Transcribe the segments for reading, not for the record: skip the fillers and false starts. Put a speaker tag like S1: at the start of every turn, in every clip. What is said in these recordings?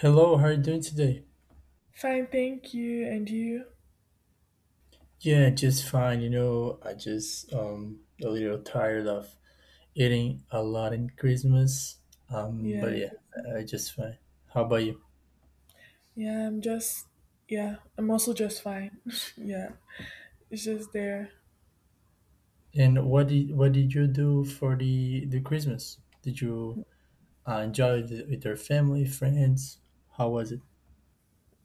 S1: Hello, how are you doing today?
S2: Fine, thank you. And you?
S1: Yeah, just fine. I just a little tired of eating a lot in Christmas.
S2: Yeah,
S1: But
S2: I
S1: yeah,
S2: guess so.
S1: I just fine. How about you?
S2: yeah. I'm just yeah. I'm also just fine. Yeah, it's just there.
S1: And what did you do for the Christmas? Did you enjoy it with your family, friends? How was it?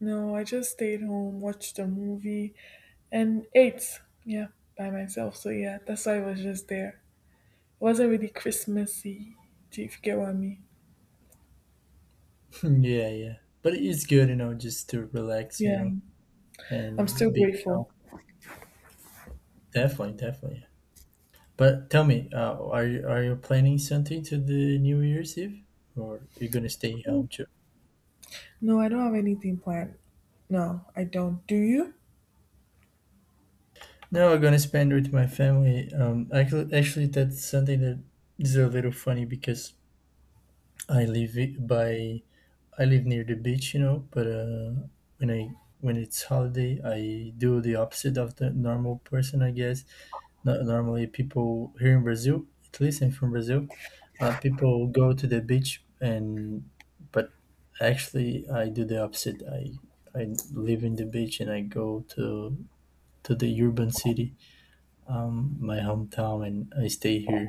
S2: No, I just stayed home, watched a movie, and ate. Yeah, by myself. So yeah, that's why I was just there. It wasn't really Christmassy. Do you If you get what I mean?
S1: Yeah, yeah. But it's good, just to relax,
S2: Yeah, I'm still
S1: and be calm.
S2: grateful.
S1: Definitely, definitely. But tell me, are you planning something to the New Year's Eve, or you're gonna stay home too?
S2: No, I don't have anything planned. No, I don't. Do you?
S1: No, I'm gonna spend with my family. Actually, that's something that is a little funny because I live i- by I live near the beach, But when it's holiday, I do the opposite of the normal person, I guess. No- Normally, people here in Brazil, at least I'm from Brazil, people go to the beach and but actually I do the opposite. I live in the beach and I go to the urban city, my hometown, and I stay here,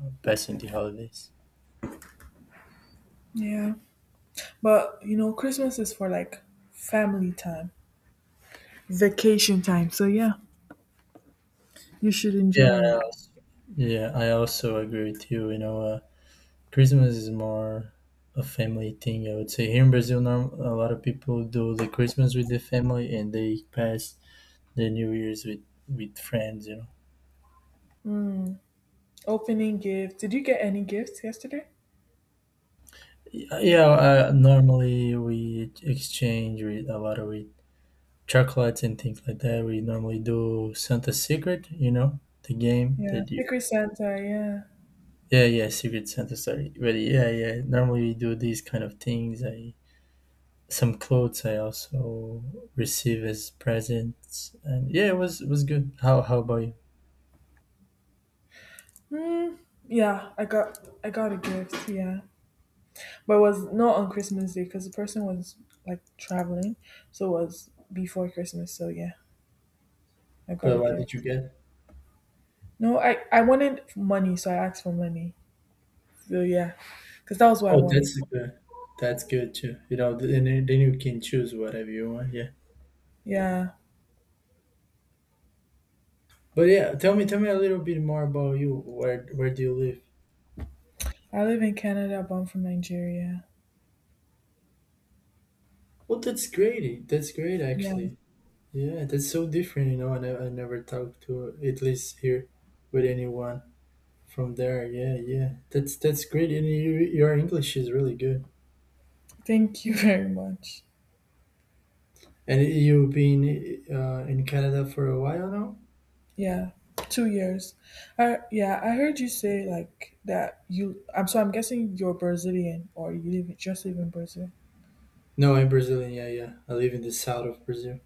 S1: passing the holidays.
S2: Yeah. But you know, Christmas is for like family time. Vacation time. So yeah, you should enjoy
S1: Yeah,
S2: it.
S1: yeah, I also agree with you. You know, Christmas is more a family thing. I would say here in Brazil, a lot of people do the Christmas with the family and they pass the New Year's with friends.
S2: Opening gift. Did you get any gifts yesterday?
S1: Yeah, normally we exchange with a lot of with chocolates and things like that. We normally do Santa's Secret, the game
S2: Yeah,
S1: that you.
S2: Secret Santa.
S1: Yeah, yeah, Secret Santa. Sorry, but yeah, yeah. Normally we do these kind of things. I Some clothes I also receive as presents, and yeah, it was good. How about you?
S2: Yeah. Hmm. Yeah, I got a gift. Yeah, but it was not on Christmas Day because the person was like traveling, so it was before Christmas. So yeah, I got
S1: But
S2: a
S1: what did you
S2: gift.
S1: get?
S2: No, I wanted money, so I asked for money. So yeah, because that was what I
S1: Oh,
S2: wanted.
S1: that's good. That's good too. You know, then you can choose whatever you want. Yeah.
S2: Yeah,
S1: But yeah, tell me a little bit more about you. Where do you live?
S2: I live in Canada, but I'm from Nigeria.
S1: Well, that's great. That's great,
S2: Yeah,
S1: actually. Yeah, that's so different. You know, I never talked to at least here with anyone from there. Yeah, yeah, that's great. And you, your English is really good.
S2: thank you very much.
S1: And you've been in Canada for a while now?
S2: Yeah, 2 years. I heard you say like that you. I'm guessing you're Brazilian or you live just live in Brazil.
S1: No, I'm Brazilian. Yeah, yeah. I live in the south of Brazil.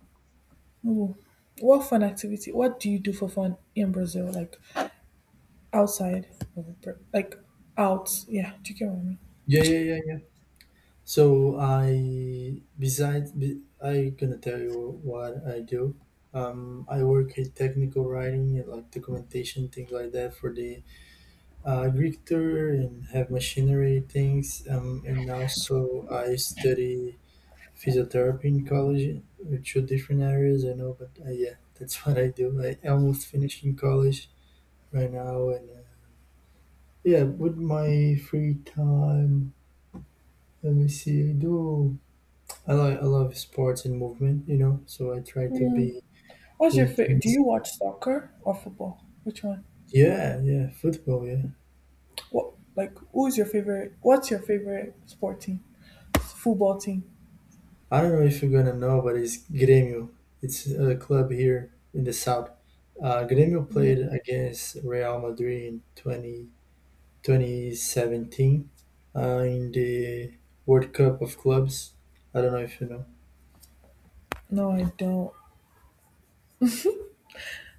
S2: Ooh. What fun activity? What do you do for fun in Brazil? Like outside of like out? Yeah, do you get what I mean?
S1: Yeah, yeah, yeah. So I gonna tell you what I do. I work in technical writing and like documentation things like that for the Greek tour and have machinery things. And also I study physiotherapy in college, two different areas I know, but yeah, that's what I do. I almost finished in college right now, and yeah, with my free time, let me see, I do I love sports and movement, you know, so I try to
S2: Mm.
S1: be
S2: What's your
S1: doing
S2: favorite? Do
S1: things.
S2: you watch soccer or football? Which one?
S1: Yeah, yeah, football, yeah.
S2: What like, who's your favorite? What's your favorite sport team? Football team?
S1: I don't know if you're gonna know, but it's Grêmio. It's a club here in the south. Grêmio played against Real Madrid in 20 2017, in the World Cup of Clubs. I don't know if you know.
S2: No, I don't.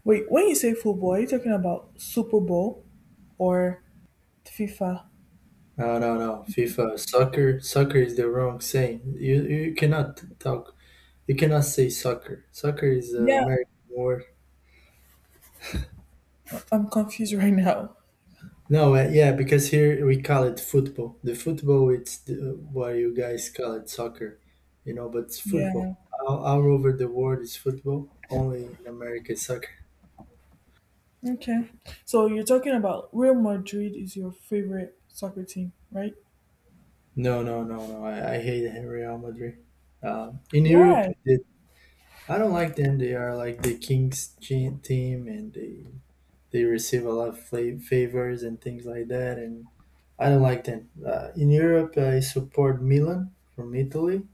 S2: Wait, when you say football, are you talking about Super Bowl or FIFA?
S1: No, no, no. FIFA, soccer, soccer is the wrong saying. You cannot talk. You cannot say soccer. Soccer is an
S2: Yeah,
S1: American word.
S2: I'm confused right now.
S1: No, yeah, because here we call it football. The football, it's the, what you guys call it soccer, but it's
S2: Yeah.
S1: football. All over the world is football. Only in America is soccer.
S2: Okay. So you're talking about Real Madrid is your favorite soccer team, right?
S1: No, no, no, no. I hate Real Madrid. In Europe,
S2: Why?
S1: I don't like them. They are like the king's team, and they receive a lot of favors and things like that. And I don't like them. In Europe, I support Milan from Italy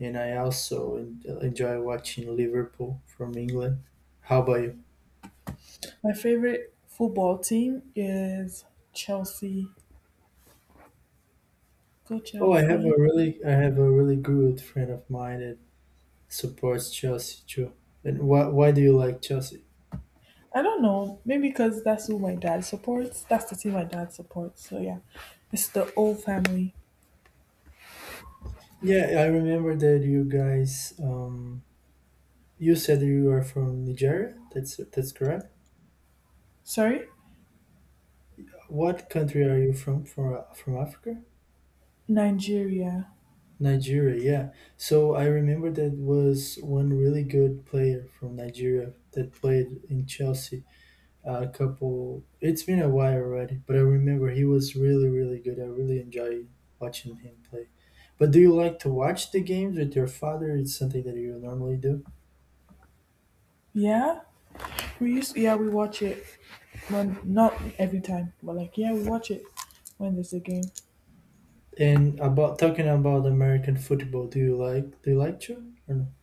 S1: and I also enjoy watching Liverpool from England. How about you?
S2: My favorite football team is Chelsea. Go
S1: Oh,
S2: Chelsea.
S1: I have a really good friend of mine that supports Chelsea too. And why do you like Chelsea?
S2: I don't know. Maybe because that's who my dad supports. That's the team my dad supports. So yeah, it's the old family.
S1: Yeah, I remember that you guys you said you are from Nigeria. That's correct.
S2: Sorry,
S1: What country are you from Africa?
S2: Nigeria.
S1: Nigeria, yeah. So I remember that was one really good player from Nigeria that played in Chelsea. A couple. It's been a while already, but I remember he was really, really good. I really enjoy watching him play. But do you like to watch the games with your father? It's something that you normally do.
S2: Yeah, we used. Yeah, we watch it. Well, not every time, but like, yeah, we watch it when there's a game.
S1: And about talking about American football, do you like to or no?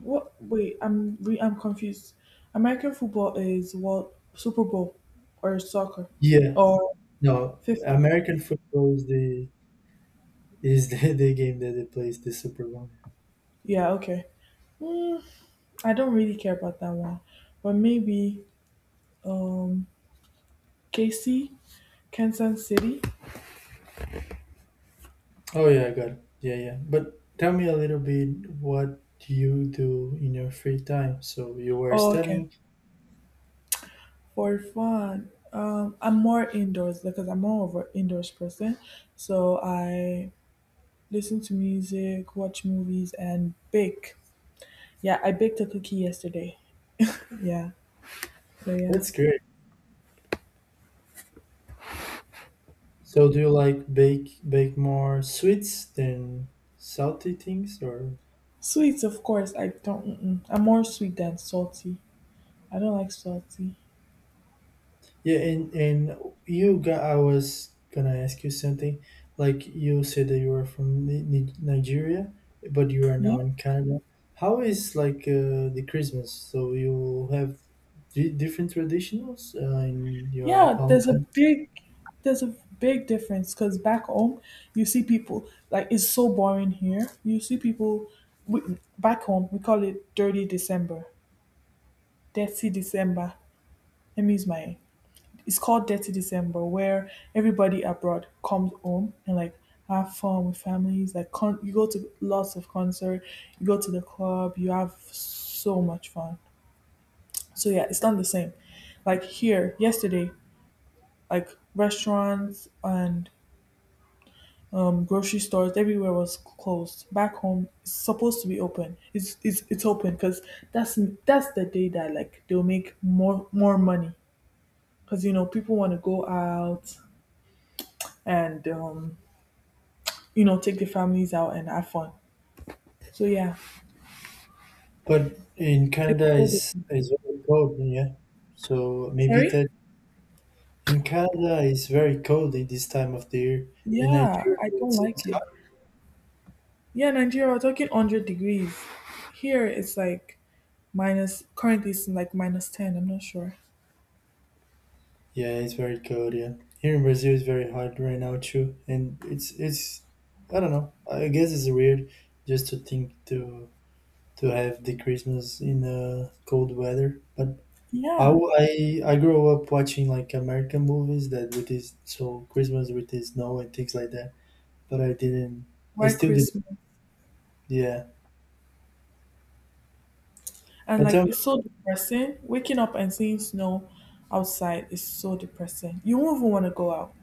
S2: What? Wait, I'm confused. American football is what, Super Bowl or soccer
S1: Yeah,
S2: or
S1: no.
S2: FIFA?
S1: American football is the the game that they plays the Super Bowl.
S2: Yeah, okay. Mm, I don't really care about that one, but maybe um KC, Kansas City.
S1: Oh yeah, I got it. Yeah, yeah. But tell me a little bit what you do in your free time. So you were
S2: Oh, okay.
S1: studying.
S2: For fun, I'm more indoors because I'm more of an indoors person. So I listen to music, watch movies, and bake. Yeah, I baked a cookie yesterday. Yeah. So yeah.
S1: That's great. So do you like bake more sweets than salty things or
S2: Sweets, of course. I don't. Mm-mm. I'm more sweet than salty. I don't like salty.
S1: yeah and you got I was gonna ask you something, like, you said that you are from Nigeria, but you are
S2: Yeah.
S1: now in Canada. How is like the Christmas? So you have di different traditions in your
S2: Yeah.
S1: home
S2: There's a
S1: country?
S2: big, there's a big difference because back home, you see people like it's so boring here. You see people we, back home. We call it Dirty December, Dirty December. Let me use my It's called Dirty December, where everybody abroad comes home and like have fun with families. Like, you go to lots of concert, you go to the club, you have so much fun. So yeah, it's not the same. Like here yesterday, like restaurants and grocery stores everywhere was closed. Back home, it's supposed to be open. It's open because that's that's the day that like they'll make more money because you know people want to go out and take the families out and have fun. So yeah,
S1: But in
S2: it's
S1: Canada
S2: so
S1: is
S2: different.
S1: is very cold, yeah? So maybe
S2: Sorry?
S1: that. In Canada, it's very cold at this time of the year. In
S2: Yeah,
S1: Nigeria,
S2: I don't
S1: it's,
S2: like
S1: it's
S2: it.
S1: hot.
S2: Yeah, Nigeria, we're talking 100 degrees. Here currently it's like minus 10, I'm not sure.
S1: Yeah, it's very cold. Yeah, here in Brazil, it's very hot right now too. And it's I don't know. I guess it's weird just to think to have the Christmas in cold weather. But I,
S2: Yeah,
S1: w- I grew up watching like American movies that with this so Christmas with the snow and things like that. But I didn't. I
S2: white
S1: still didn't.
S2: Christmas.
S1: Yeah.
S2: And
S1: But
S2: like,
S1: tell me.
S2: it's so depressing. Waking up and seeing snow outside is so depressing. You won't even want to go out.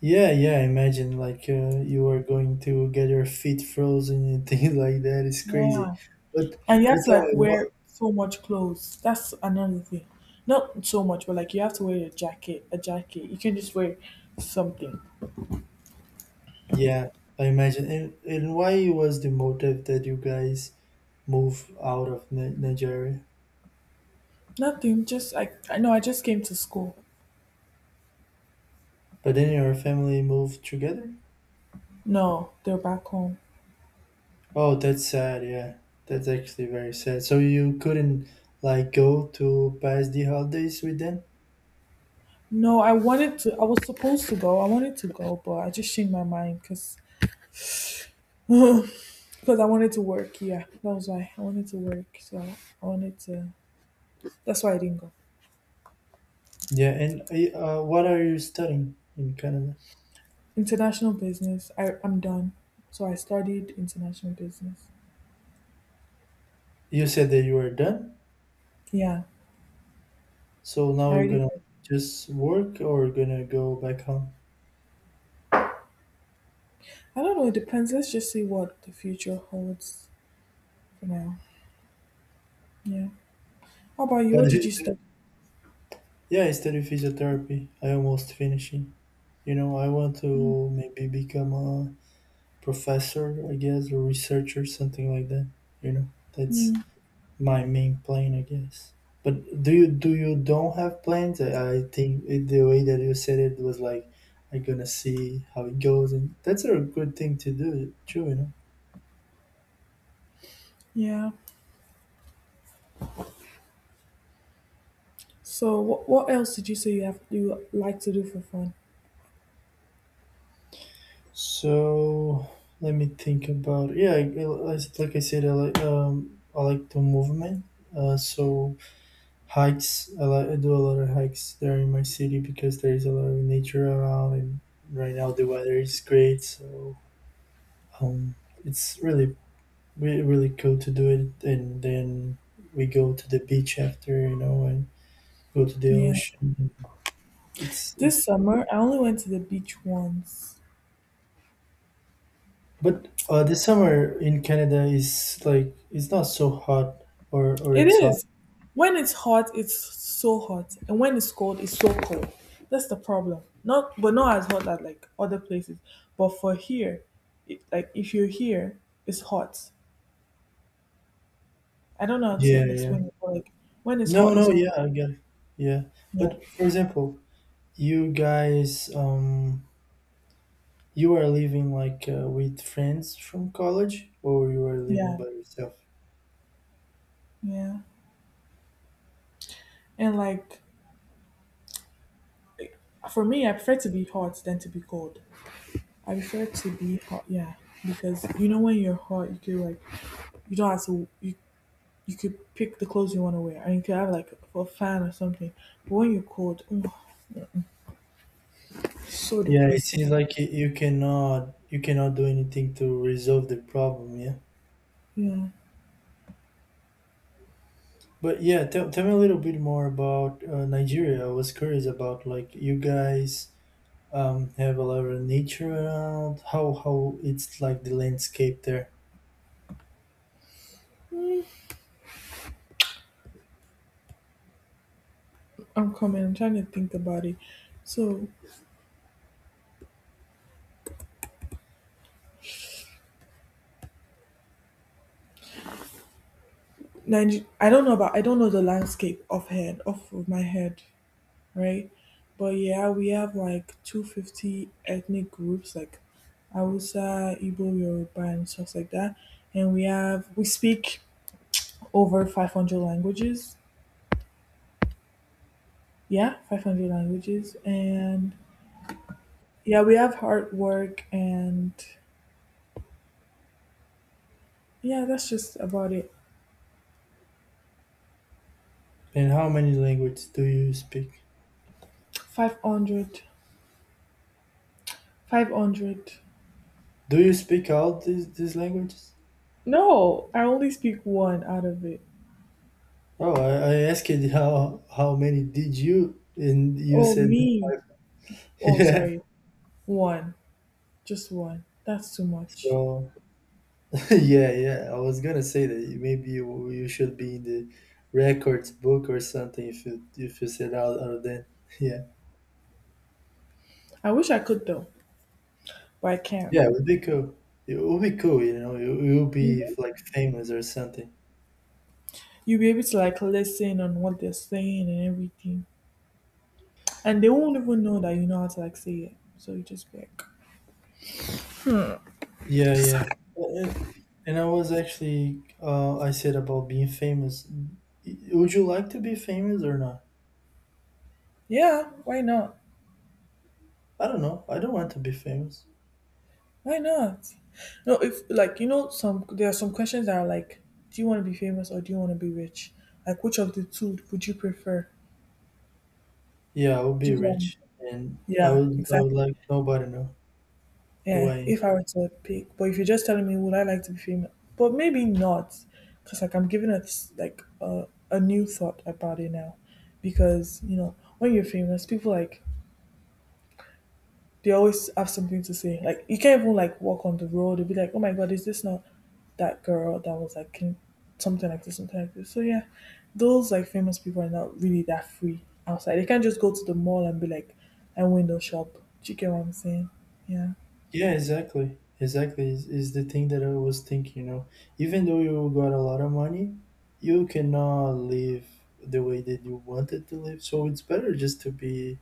S1: Yeah, yeah, imagine like you are going to get your feet frozen and things like that. It's crazy.
S2: Yeah.
S1: But
S2: And you have to
S1: tell
S2: like
S1: me what
S2: wear so much clothes. That's another thing. Not so much, but like you have to wear a jacket. You can just wear something.
S1: yeah, I imagine. And why was the motive that you guys move out of Nigeria?
S2: Nothing, just like I know I just came to school.
S1: But then your family moved together?
S2: No, they're back home.
S1: Oh, that's sad, yeah. That's actually very sad. So you couldn't like go to pass the holidays with them?
S2: No, I was supposed to go. I wanted to go, but I just changed my mind because because I wanted to work. Yeah, that was why I wanted to work. So I wanted to. That's why I didn't go.
S1: Yeah, and what are you studying in Canada?
S2: International business. I'm done. So I studied international business.
S1: You said that you were done?
S2: Yeah,
S1: So
S2: I
S1: now you're
S2: already.
S1: gonna just work or gonna go back home?
S2: I don't know. It depends. Let's just see what the future holds for now. Yeah. How about you?
S1: But
S2: What did you study?
S1: yeah, I study physiotherapy. I almost finishing. You know, I want to maybe become a professor, I guess, or researcher, something like that. You know, that's
S2: Mm,
S1: my main plan, I guess. But do you don't have plans? I think the way that you said it was like, I'm gonna see how it goes, and that's a good thing to do too. You know.
S2: yeah. So what else did you say you like to do for fun?
S1: So let me think about. Yeah, like I said, I like the movement. So hikes, I, like, I do a lot of hikes there in my city because there is a lot of nature around, and right now the weather is great. So um, it's really really really cool to do it, and then we go to the beach after, and go to the
S2: Yeah.
S1: ocean.
S2: This
S1: It's
S2: summer I only went to the beach once.
S1: But the summer in Canada is like it's not so hot or
S2: It
S1: it's hot.
S2: is. When it's hot, it's so hot, and when it's cold, it's so cold. That's the problem. Not, but not as hot as like other places. But for here, it, like if you're here, it's hot. I don't know how to
S1: Yeah, yeah.
S2: explain it. But like when it's hot,
S1: No,
S2: it's
S1: no,
S2: over.
S1: yeah, I get it. Yeah.
S2: Yeah.
S1: But for example, you guys you are living like with friends from college or you are living
S2: Yeah,
S1: by yourself?
S2: yeah. And like for me, I prefer to be hot than to be cold. I prefer to be hot, yeah, because you know when you're hot, you could like you don't have to you you could pick the clothes you want to wear, and you could have like a fan or something. But when you're cold, oh, mm-mm, so
S1: Yeah, it
S2: depressing.
S1: seems like you cannot you cannot do anything to resolve the problem, yeah.
S2: Yeah,
S1: But yeah, tell me a little bit more about Nigeria. I was curious about like you guys have a lot of nature around? How it's like the landscape there?
S2: I'm coming. I'm trying to think about it. So, I don't know about I don't know the landscape offhand, off of my head. Right? But yeah, we have like 250 ethnic groups like Hausa, Igbo, Yoruba, and stuff like that. And we speak over 500 languages. Yeah, 500 languages. And yeah, we have hard work and yeah, that's just about it.
S1: And how many languages do you speak?
S2: 500, 500.
S1: Do you speak all these languages?
S2: No, I only speak one out of it.
S1: Oh, I asked you how many did you, and you
S2: Oh,
S1: said
S2: me.
S1: five.
S2: Oh,
S1: Yeah.
S2: sorry. One. Just one. That's too much.
S1: So yeah, yeah. I was gonna say that maybe you should be in the records book or something if you said out of that. Yeah.
S2: I wish I could though. But I can't.
S1: Yeah, it would be cool. It would be cool, you know. You'll be
S2: Hmm.
S1: like famous or something.
S2: You'll be able to like listen on what they're saying and everything, and they won't even know that you know how to like say it. So you just be like,
S1: Yeah, yeah. Uh, And I said about being famous. Would you like to be famous or not?
S2: yeah, why not?
S1: I don't know. I don't want to be famous.
S2: Why not? No, if like you know some there are some questions that are like, do you want to be famous or do you want to be rich? Like which of the two would you prefer?
S1: Yeah, I would
S2: Do
S1: be
S2: you get what I'm saying?
S1: rich, and
S2: Yeah,
S1: I
S2: exactly.
S1: would like nobody to know who
S2: Yeah,
S1: I am.
S2: if I were to pick, but if you're just telling me, would I like to be female? But maybe not, because like I'm giving it like a new thought about it now, because you know when you're famous, people like they always have something to say. Like you can't even like walk on the road they and be like, oh my god, is this not that girl that was like in something like this, something like this? So yeah, those like famous people are not really that free outside. They can't just go to the mall and be like, I window shop. Do you get what I'm saying? Yeah.
S1: Yeah, exactly. Exactly is the thing that I was thinking, you know. Even though you got a lot of money, you cannot live the way that you wanted to live. So it's better just to be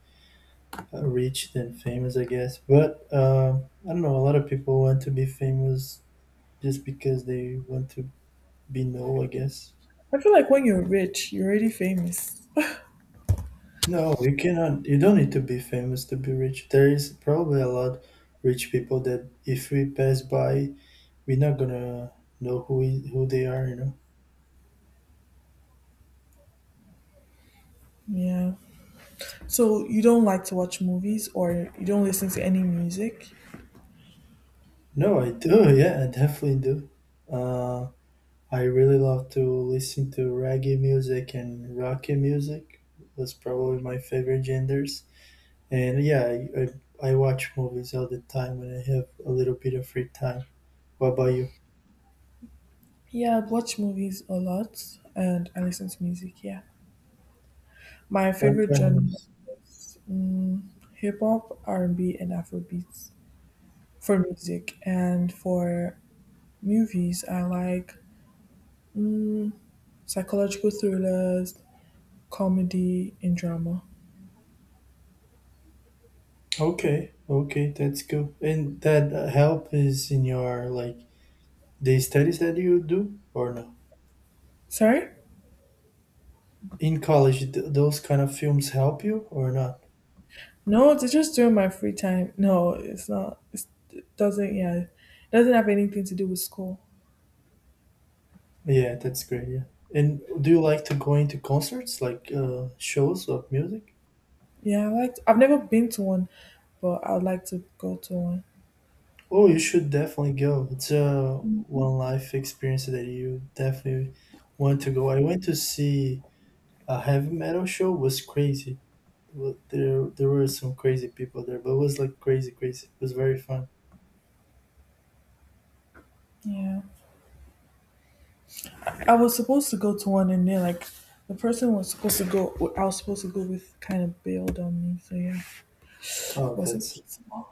S1: rich than famous, I guess. But I don't know. A lot of people want to be famous just because they want to be known, I guess.
S2: I feel like when you're rich, you're already famous.
S1: No, you cannot. You don't need to be famous to be rich. There is probably a lot rich people that if we pass by, we're not gonna know who they are. You know.
S2: Yeah. So you don't like to watch movies or you don't listen to any music?
S1: No, I do. Yeah, I definitely do. Uh, I really love to listen to reggae music and rocky music. Was probably my favorite genders. And yeah, I watch movies all the time when I have a little bit of free time. What about you?
S2: Yeah, I watch movies a lot and I listen to music, yeah. My
S1: What
S2: favorite
S1: kind of
S2: genre
S1: movies?
S2: is hip hop, R&B and B and Afrobeats for music. And for movies, I like psychological thrillers, comedy and drama.
S1: Okay, okay, that's good. And that help is in your like the studies that you do or no?
S2: Sorry?
S1: In college, those kind of films help you or not?
S2: No, it's just during my free time. No, it's not. It's, it doesn't. Yeah, it doesn't have anything to do with school.
S1: Yeah, that's great. Yeah. And do you like to go into concerts, like shows of music?
S2: Yeah, I like. I've never been to one, but I'd like to go to one.
S1: Oh, you should definitely go. It's a one life experience that you definitely want to go. I went to see a heavy metal show was crazy. There, there were some crazy people there, but it was like crazy, crazy. It was very fun.
S2: Yeah, I was supposed to go to one, and then like the person was supposed to go. I was supposed to go with kind of bailed on me. So yeah,
S1: Oh,
S2: wasn't
S1: that's.
S2: possible.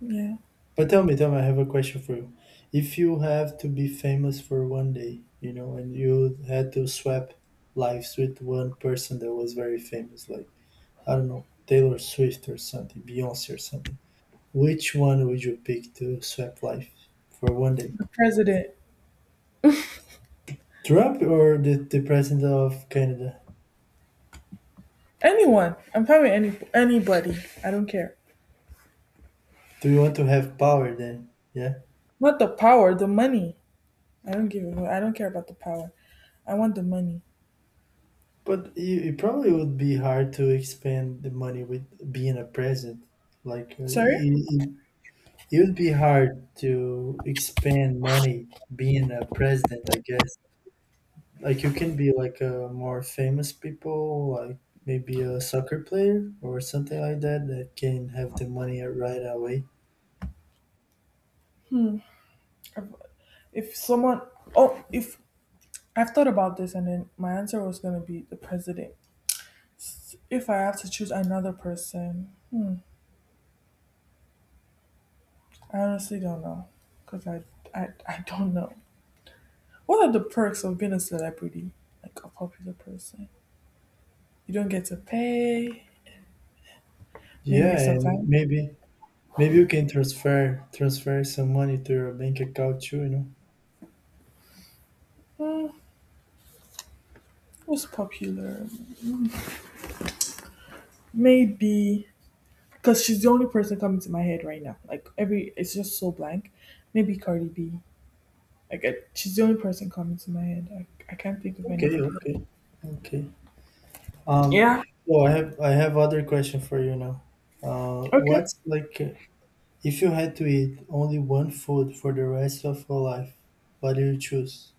S2: Yeah,
S1: But tell me, I have a question for you. If you have to be famous for 1 day, you know, and you had to swap lives with one person that was very famous, like, I don't know, Taylor Swift or something, Beyonce or something, which one would you pick to swap life for 1 day?
S2: the president,
S1: Trump or the president of Canada?
S2: anyone. I'm fine with anybody. I don't care.
S1: Do you want to have power then? Yeah?
S2: Not the power, the money. I don't give a. I don't care about the power. I want the money.
S1: But you- it probably would be hard to expand the money with being a president. Like
S2: Sorry.
S1: it, it it would be hard to expand money being a president, I guess. Like you can be like a more famous people, like maybe a soccer player or something like that that can have the money right away.
S2: If someone, oh, if I've thought about this and then my answer was going to be the president. If I have to choose another person, hmm, I honestly don't know. Because I don't know. What are the perks of being a celebrity? Like a popular person? You don't get to pay. Maybe
S1: Yeah, and
S2: sometimes.
S1: maybe you can transfer some money to your bank account too, you know.
S2: Who's popular? Maybe. Because she's the only person coming to my head right now. Like every, it's just so blank. Maybe Cardi B. Like, she's the only person coming to my head. I can't think of
S1: Okay,
S2: anybody else.
S1: okay, okay. Um,
S2: Yeah.
S1: so I have other question for you now.
S2: Okay,
S1: What's like if you had to eat only one food for the rest of your life, what do you choose?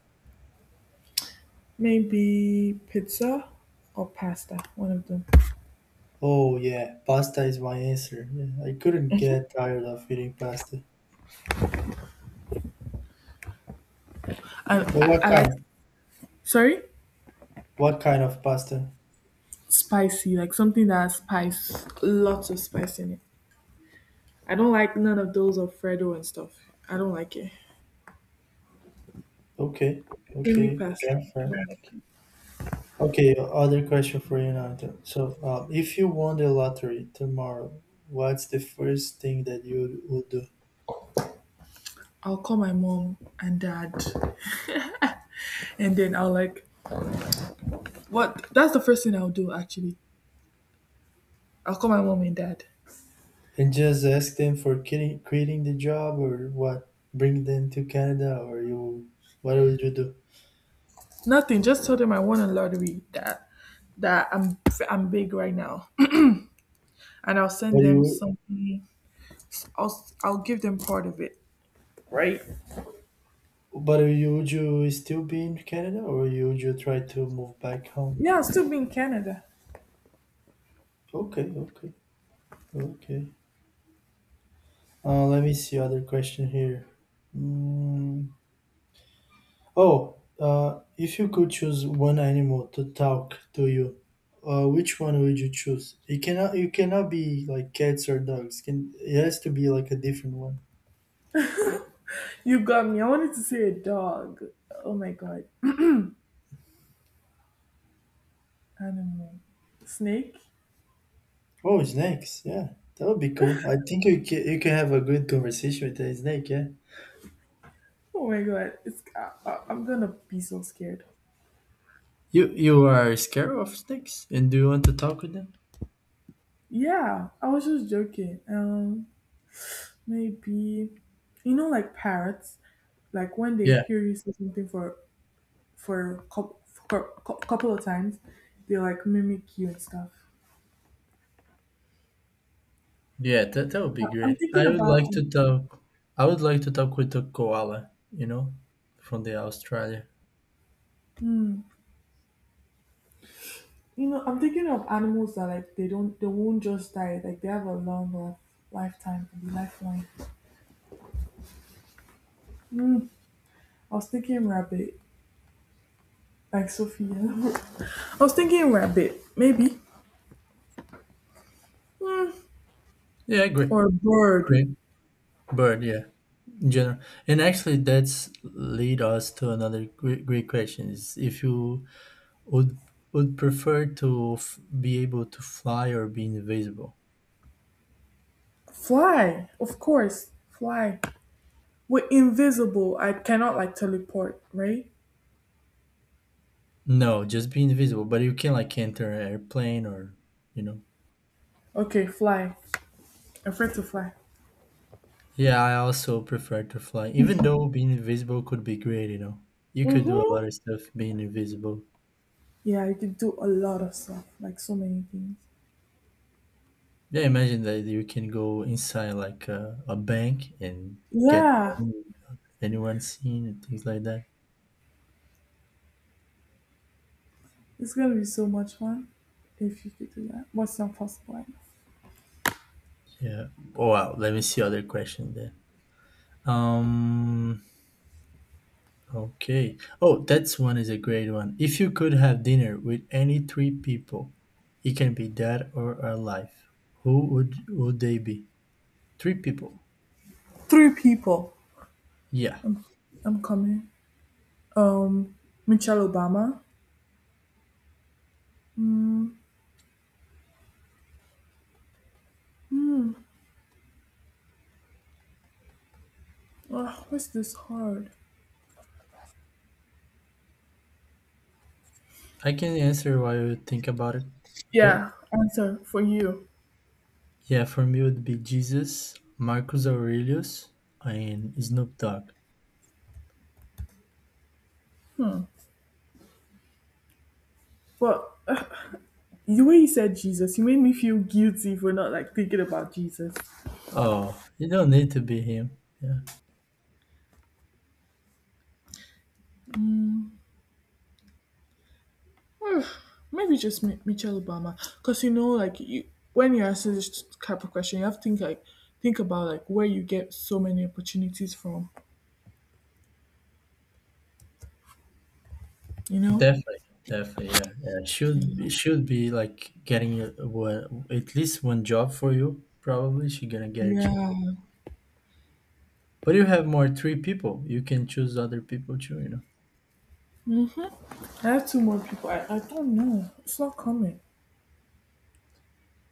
S2: maybe pizza or pasta, one of them.
S1: Oh yeah, pasta is my answer. Yeah, I couldn't
S2: Mhm.
S1: get tired of eating pasta.
S2: And
S1: But
S2: I,
S1: what
S2: I like,
S1: kind?
S2: sorry,
S1: What kind of pasta?
S2: spicy, like something that has spice, lots of spice in it. I don't like none of those Alfredo and stuff. I don't like it.
S1: Okay,
S2: Give me
S1: okay,
S2: pasta.
S1: fair,
S2: I
S1: fair.
S2: don't like it.
S1: Okay, other question for you now. Then. So, if you won the lottery tomorrow, what's the first thing that you would do?
S2: I'll call my mom and dad, and then I'll like, what? That's the first thing I'll do actually. I'll call my mom and dad.
S1: And just ask them for quitting the job or what? Bring them to Canada or you? What would you do?
S2: Nothing. Just tell them I won a lottery that that I'm I'm big right now, and I'll send
S1: But
S2: them
S1: you,
S2: something. I'll give them part of it. Right?
S1: but you would you still be in Canada or you would you try to move back home?
S2: Yeah, I'll still be in Canada.
S1: Okay, okay, okay. Let me see other question here. Mm, oh, if you could choose one animal to talk to you, which one would you choose? It cannot, you cannot be like cats or dogs. Can it has to be like a different one.
S2: You got me. I wanted to say a dog. Oh my god, animal, snake.
S1: Oh, snakes! Yeah, that would be cool. I think you can have a good conversation with a snake. Yeah.
S2: Oh my god, I'm gonna be so scared.
S1: You are scared of snakes, and do you want to talk with them?
S2: Yeah, I was just joking. Maybe you know, like parrots, like when they
S1: Yeah,
S2: hear you say something for a cou- for a couple of times. They like mimic you and stuff.
S1: yeah. That would
S2: I-
S1: be
S2: I'm
S1: great.
S2: thinking
S1: I would
S2: about
S1: like to talk. I would like to talk with a koala. You know, from the Australia.
S2: you know I'm thinking of animals that like they won't just die like they have a long life, lifetime to be lifeline. I was thinking rabbit like Sophia. I was thinking rabbit maybe Hmm.
S1: Yeah, great,
S2: or a bird.
S1: great bird. Yeah, in general. And actually, that's lead us to another great question: is if you would would prefer to be able to fly or be invisible.
S2: Fly, of course, fly. We're invisible. I cannot like teleport right.
S1: No, just be invisible, but you can like enter an airplane or you know.
S2: Okay, fly. I'm afraid to fly.
S1: Yeah, I also prefer to fly, even though being invisible could be great, you know. You could do a
S2: Mm-hmm.
S1: lot of stuff being invisible.
S2: Yeah, you could do a lot of stuff, like so many things.
S1: Yeah, imagine that you can go inside like a bank and get
S2: Yeah,
S1: money without anyone seeing and things like that.
S2: it's gonna be so much fun if you could do that. What's your first one?
S1: Yeah. Oh, wow, let me see other questions there. Um Okay. Oh, that's one is a great one. If you could have dinner with any three people, it can be dead or alive. Who would they be? Three people.
S2: Three people.
S1: Yeah.
S2: I'm, I'm coming. Um, Michelle Obama. Mm, mm, ugh, what's this hard?
S1: I can answer while you think about it. Okay?
S2: Yeah, answer for you.
S1: Yeah, for me it would be Jesus, Marcus Aurelius, and Snoop Dogg.
S2: But the way you said Jesus, you made me feel guilty for not like thinking about Jesus.
S1: Oh, you don't need to be him. Yeah.
S2: Maybe just Michelle Obama, because you know, like you, when you answer this type of question, you have to think about like where you get so many opportunities from. You know,
S1: Definitely. Definitely, yeah, yeah. Should
S2: yeah.
S1: it should be like getting a, one- at least one job for you. Probably she gonna get you.
S2: Yeah.
S1: But you have more three people. You can choose other people too. You know.
S2: I have two more people. I don't know. It's not coming.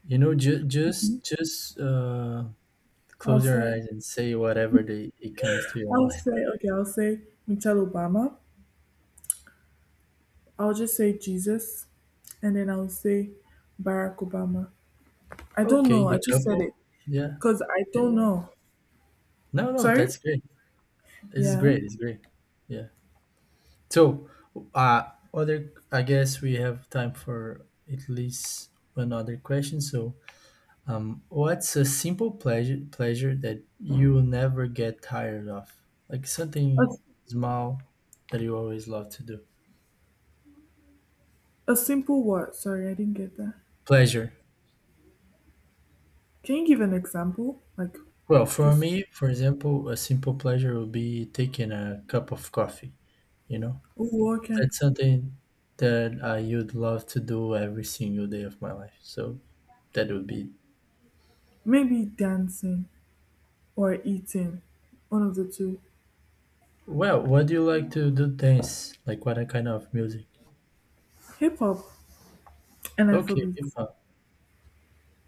S1: You know. Ju-
S2: Mm-hmm.
S1: just just uh,
S2: I'll
S1: close your
S2: say
S1: eyes and say whatever they, it comes to your
S2: I'll
S1: mind.
S2: say okay. I'll say Michelle Obama. I'll just say Jesus, and then I'll say Barack Obama. I don't
S1: Okay,
S2: know.
S1: the
S2: I just said
S1: couple.
S2: it
S1: Yeah.
S2: because I
S1: Yeah.
S2: don't
S1: Yeah.
S2: know.
S1: No. No.
S2: Sorry.
S1: That's great. This is
S2: Yeah.
S1: great. It's great. Yeah. So, uh, other. I guess we have time for at least one other question. So, what's a simple pleasure that you will never get tired of? Like something small that you always love to do.
S2: A simple what? Sorry, I didn't get that.
S1: Pleasure.
S2: Can you give an example? Like,
S1: Well, for
S2: just,
S1: me, for example, a simple pleasure would be taking a cup of coffee. You know,
S2: oh, okay.
S1: that's something that I would love to do every single day of my life. So that would be.
S2: Maybe dancing or eating. One of the two.
S1: Well, what do you like to do? Dance? Like what kind of music?
S2: Hip hop and
S1: Okay,
S2: Afrobeat.
S1: hip hop.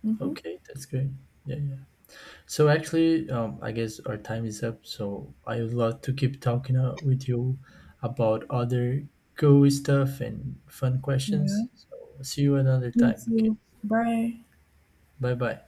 S2: Mm-hmm.
S1: Okay, that's great. Yeah, yeah. So actually, I guess our time is up. So I would love to keep talking with you about other cool stuff and fun
S2: Yeah.
S1: questions. So see you another
S2: Me
S1: time. Okay.
S2: too. Bye.
S1: Bye bye.